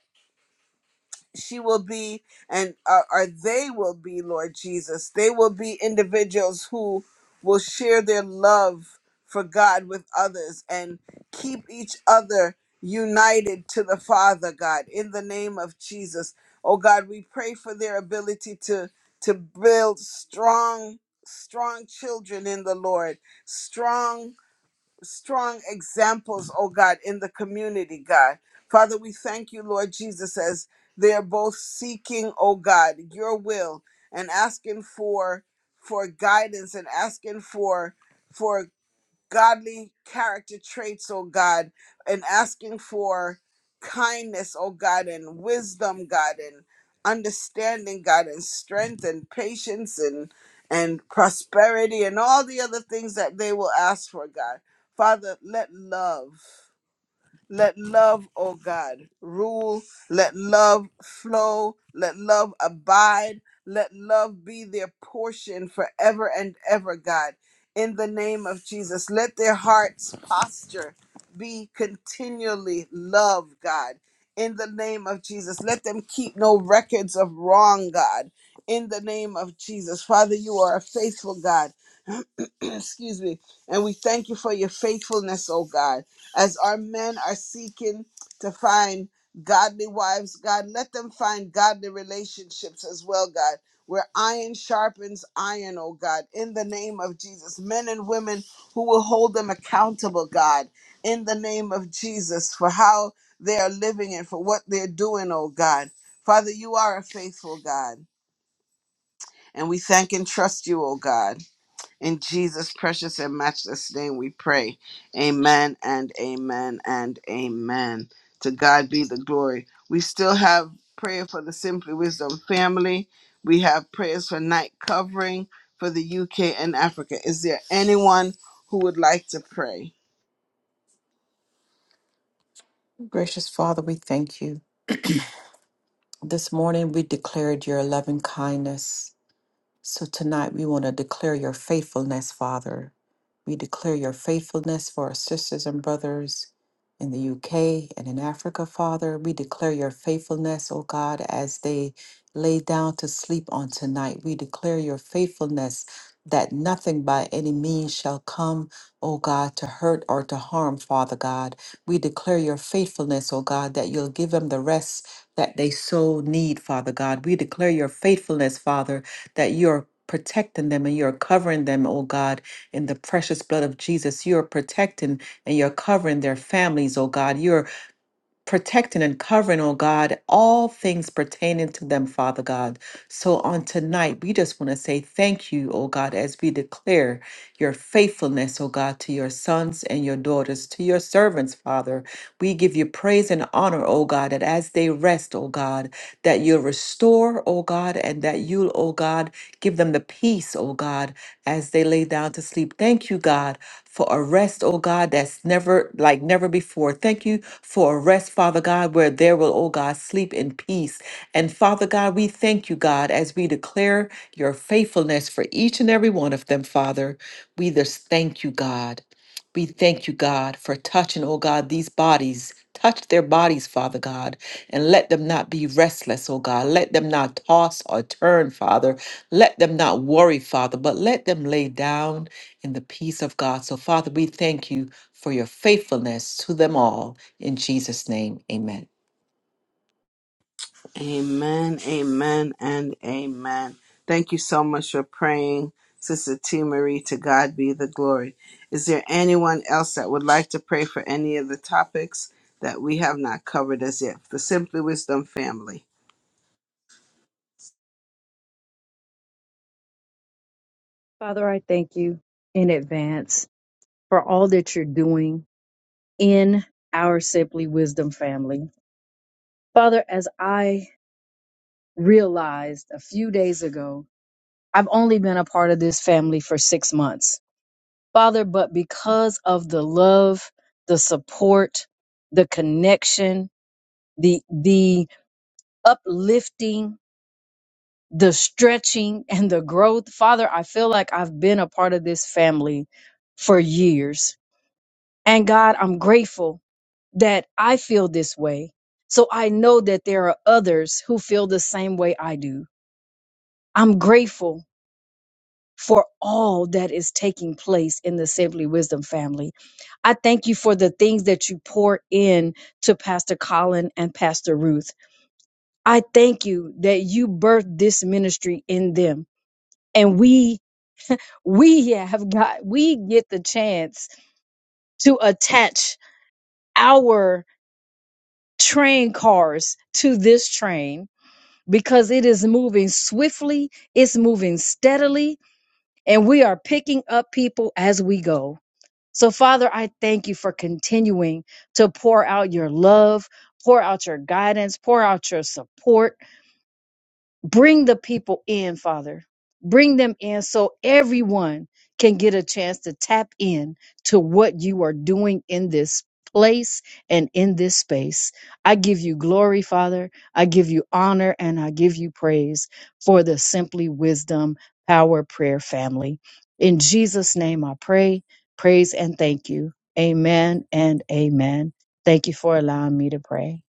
A: she will be and uh, or they will be, Lord Jesus. They will be individuals who will share their love for God with others and keep each other united to the Father, God, in the name of Jesus. Oh God, we pray for their ability to to build strong strong children in the Lord, strong strong examples, oh God, in the community, God. Father, we thank you, Lord Jesus, as they're both seeking, oh God, your will and asking for for guidance and asking for for godly character traits, oh God, and asking for kindness, oh God, and wisdom, God, and understanding, God, and strength and patience and and prosperity and all the other things that they will ask for, God. Father, let love. Let love, oh God, rule. Let love flow. Let love abide. Let love be their portion forever and ever, God. In the name of Jesus, let their hearts' posture be continually love, God. In the name of Jesus, let them keep no records of wrong, God. In the name of Jesus, Father, you are a faithful God. excuse me. And we thank you for your faithfulness, oh God. As our men are seeking to find godly wives, God, let them find godly relationships as well, God. Where iron sharpens iron, oh God, in the name of Jesus. Men and women who will hold them accountable, God, in the name of Jesus, for how they are living and for what they're doing, oh God. Father, you are a faithful God, and we thank and trust you, oh God. In Jesus' precious and matchless name we pray. Amen and amen and amen. To God be the glory. We still have prayer for the Simply Wisdom family. We have prayers for night covering for the UK and Africa. Is there anyone who would like to pray?
D: declare your faithfulness that nothing by any means shall come, O God, to hurt or to harm, Father God. We declare your faithfulness, O God, that you'll give them the rest that they so need, Father God. We declare your faithfulness, Father, that you're protecting them and you're covering them, O God, in the precious blood of Jesus. You're protecting and you're covering their families, O God. You're protecting and covering, oh God, all things pertaining to them, Father God. So on tonight, we just want to say thank you, oh God, as we declare your faithfulness, oh God, to your sons and your daughters, to your servants, Father. We give you praise and honor, oh God, that as they rest, oh God, that you'll restore, oh God, and that you'll, oh God, give them the peace, oh God, as they lay down to sleep. Thank you, God for a rest, oh God, that's never like never before. Thank you for a rest, Father God, where there will, oh God, sleep in peace. And Father God, we thank you, God, as we declare your faithfulness for each and every one of them, Father. We just thank you, God. We thank you, God, for touching, oh God, these bodies. Touch their bodies, Father God, and let them not be restless, oh God. Let them not toss or turn, Father. Let them not worry, Father, but let them lay down in the peace of God. So, Father, we thank you for your faithfulness to them all. In Jesus' name, amen.
A: Amen, amen, and amen. Thank you so much for praying, Sister T. Marie. To God be the glory. Is there anyone else that would like to pray for any of the topics that we have not covered as yet? The Simply Wisdom family.
C: Father, I thank you in advance for all that you're doing in our Simply Wisdom family. Father, as I realized a few days ago, I've only been a part of this family for six months. Father, but because of the love, the support, the connection, the, the uplifting, the stretching, and the growth, Father, I feel like I've been a part of this family for years And God, I'm grateful that I feel this way. So I know that there are others who feel the same way I do. I'm grateful for all that is taking place in the Simply Wisdom family. I thank you for the things that you pour in to Pastor Colin and Pastor Ruth. I thank you that you birthed this ministry in them. And we we have got we get the chance to attach our train cars to this train because it is moving swiftly, it's moving steadily, and we are picking up people as we go. So, Father, I thank you for continuing to pour out your love, pour out your guidance, pour out your support Bring the people in, Father. Bring them in so everyone can get a chance to tap in to what you are doing in this place and in this space. I give you glory, Father. I give you honor and I give you praise for the Simply Wisdom Power Prayer family. In Jesus' name I pray, praise, and thank you. Amen and amen. Thank you for allowing me to pray.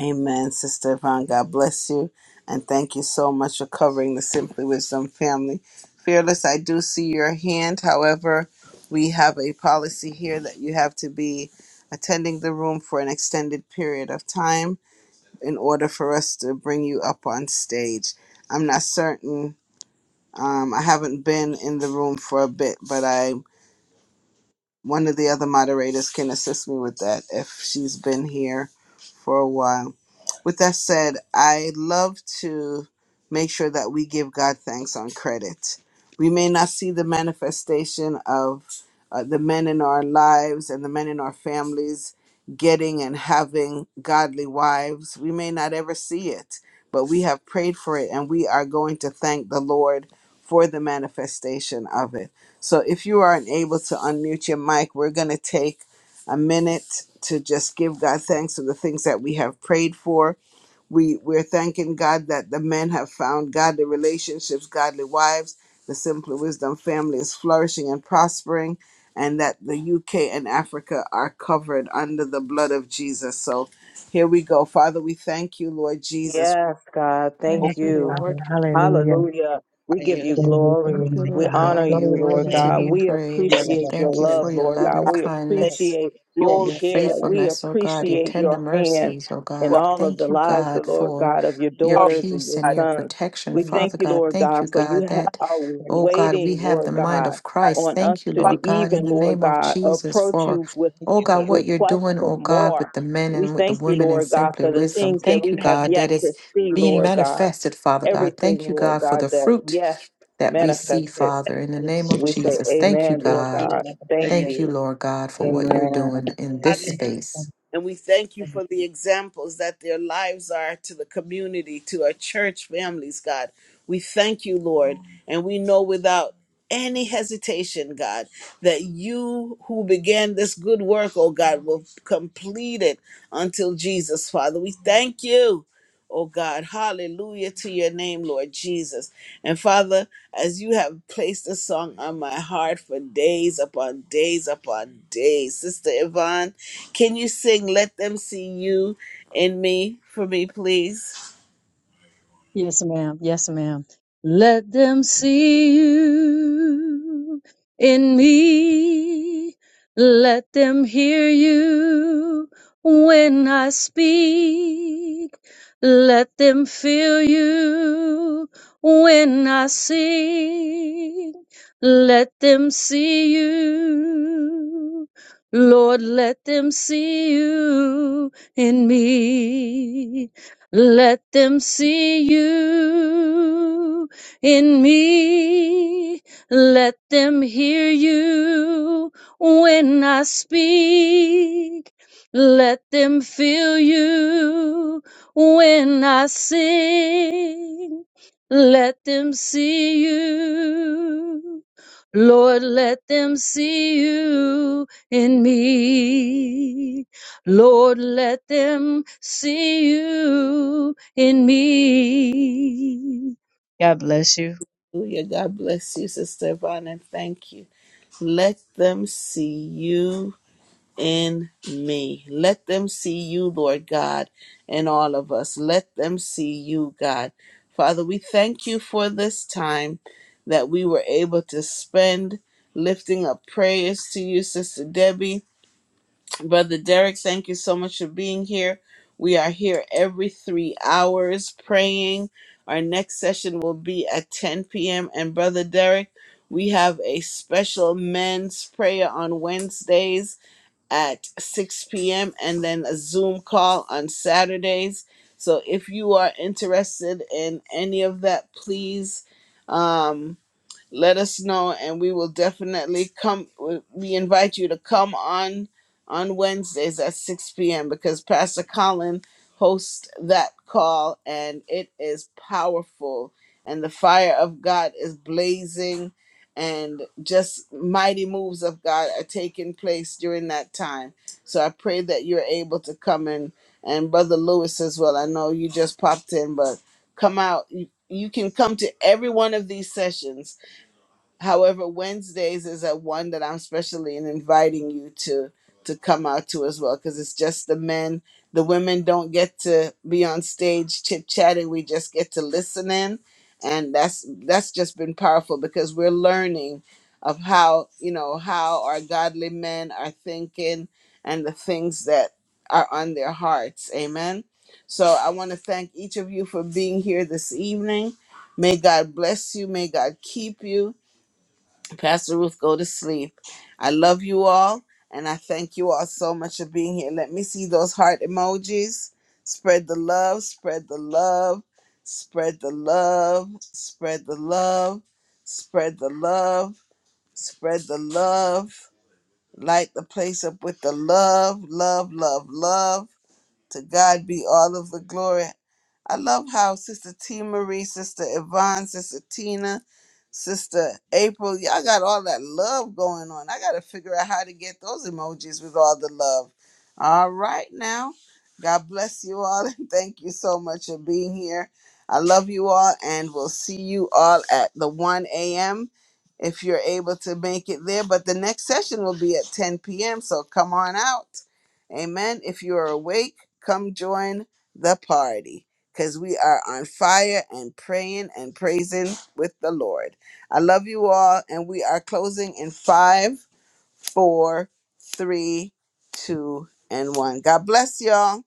A: Amen, Sister Yvonne. God bless you. And thank you so much for covering the Simply Wisdom family. Fearless, I do see your hand. However, we have a policy here that you have to be attending the room for an extended period of time in order for us to bring you up on stage. I'm not certain. Um, I haven't been in the room for a bit, but I one of the other moderators can assist me with that if she's been here for a while. With that said, I love to make sure that we give God thanks on credit. We may not see the manifestation of uh, the men in our lives and the men in our families getting and having godly wives. We may not ever see it, but we have prayed for it and we are going to thank the Lord for the manifestation of it. So if you aren't able to unmute your mic, we're going to take a minute to just give God thanks for the things that we have prayed for. We we're thanking God that the men have found godly relationships, godly wives. The Simply Wisdom family is flourishing and prospering, and that the UK and Africa are covered under the blood of Jesus. So here we go. Father, we thank you, Lord Jesus.
E: Yes, God,
A: Oh, Lord
E: thank
C: Thank you,
E: you.
C: Father. Hallelujah.
E: Hallelujah. We
B: Thank
E: give
B: you.
E: you
C: Glory to
D: Thank
C: your
E: glory.
D: you,
C: name,
E: We
D: Lord
C: God.
E: honor
D: God. You're
E: you,
C: Glory to
E: Lord
D: worthy
C: your
D: to
E: God.
D: be
E: We
D: praised. And
E: appreciate your
D: thank you
E: love,
D: for your
E: Lord God.
D: loving
A: God,
E: We
A: say
D: kindness.
E: appreciate your
A: glory
D: your
A: to
E: care.
A: you.
E: We
D: faithfulness, oh God, your
E: appreciate
D: tender
E: your hand
D: mercies, oh
E: in
A: You are
D: God.
E: all of the
D: Thank you,
E: lives,
D: God,
E: Lord
D: for
E: God, of your
D: your
A: our
E: daughters and
D: peace
E: your
D: and
A: God.
D: your
E: sons.
D: protection,
E: We thank
D: Father
E: you,
D: God.
E: Lord
D: Thank
E: God,
D: you,
E: for
D: God,
E: you ha-
D: that,
E: are
D: oh God, we
E: waiting,
D: have the
E: Lord
D: mind
E: God,
D: of
A: God.
D: Christ.
E: on us
D: Thank you,
E: to
A: Father,
E: d-
D: Lord God, in
E: even,
D: the
E: Lord
D: name of
E: God,
D: Jesus,
E: approach
D: for,
E: you
D: oh God, what you're
E: request
D: doing,
E: for
D: oh God,
E: more.
D: with the men
E: We
D: and with the
E: thank you,
D: women in
E: Lord God,
D: simply
E: for the
D: wisdom.
E: things that
D: Thank
E: we
D: you,
E: have
D: God,
E: yet
D: that it's
E: to see,
D: being
E: Lord God.
D: manifested, Father God. Thank
E: Everything,
D: you,
E: Lord
D: God, for
E: God,
D: the
E: that
D: fruit
E: yes,
D: that we see,
E: manifested.
D: Father, in the name
E: And
D: of
E: we say,
D: Jesus. Thank you,
E: Amen, Lord
D: God.
E: God. Thank
D: Thank you,
E: you.
D: Lord God, for what you're
E: Amen.
D: doing in
A: God,
D: this space.
C: name.
A: And we thank you for the examples that their lives are to the community, to our church families, God. We thank you, Lord. And we know without any hesitation, God, that you who began this good work, oh God, will complete it until Jesus, Father. We thank you oh God. Hallelujah to your name, Lord Jesus. And Father, as you have placed this song on my heart for days upon days upon days, Sister Yvonne, can you sing Let Them See You in Me for me, please?
C: Yes, ma'am. Yes, ma'am. Let them see you in me. Let them hear you when I speak. Let them feel you when I sing. Let them see you. Lord, let them see you in me. Let them see you in me. Let them hear you when I speak. Let them feel you when I sing. Let them see you. Lord, let them see you in me. Lord, let them see you in me. God bless you.
A: Hallelujah. God bless you, Sister Yvonne, and thank you. Let them see you in me. Let them see you, Lord God, in all of us. Let them see you, God. Father, we thank you for this time that we were able to spend lifting up prayers to you, Sister Debbie. Brother Derek, thank you so much for being here. We are here every three hours praying. Our next session will be at 10 p.m. And Brother Derek, we have a special men's prayer on Wednesdays at 6 p.m. and then a Zoom call on Saturdays. So if you are interested in any of that, please. Um, let us know and we will definitely come we invite you to come on on wednesdays at 6 p.m because pastor colin hosts that call and it is powerful and the fire of god is blazing and just mighty moves of god are taking place during that time so i pray that you're able to come in and brother lewis as well i know you just popped in but come out you, you can come to every one of these sessions However, Wednesdays is a one that I'm especially inviting you to to come out to as well because it's just the men. The women don't get to be on stage chit chatting. We just get to listen in, and that's that's just been powerful because we're learning of how you know how our godly men are thinking and the things that are on their hearts. Amen. So I want to thank each of you for being here this evening. May God bless you. May God keep you. Pastor Ruth, go to sleep. I love you all, and I thank you all so much for being here. Let me see those heart emojis. Spread the love, spread the love, spread the love, spread the love, spread the love, spread the love. Light the place up with the love, love, love, love. To God be all of the glory. I love how Sister T Marie, Sister Yvonne, Sister Tina, Sister April, y'all got all that love going on. I got to figure out how to get those emojis with all the love. All right, now. God bless you all and thank you so much for being here. I love you all and we'll see you all at the 1 a.m. if you're able to make it there. But the next session will be at 10 p.m. So come on out. Amen. If you are awake, Come join the party because we are on fire and praying and praising with the Lord. I love you all, and we are closing in five, four, three, two, and one. God bless y'all.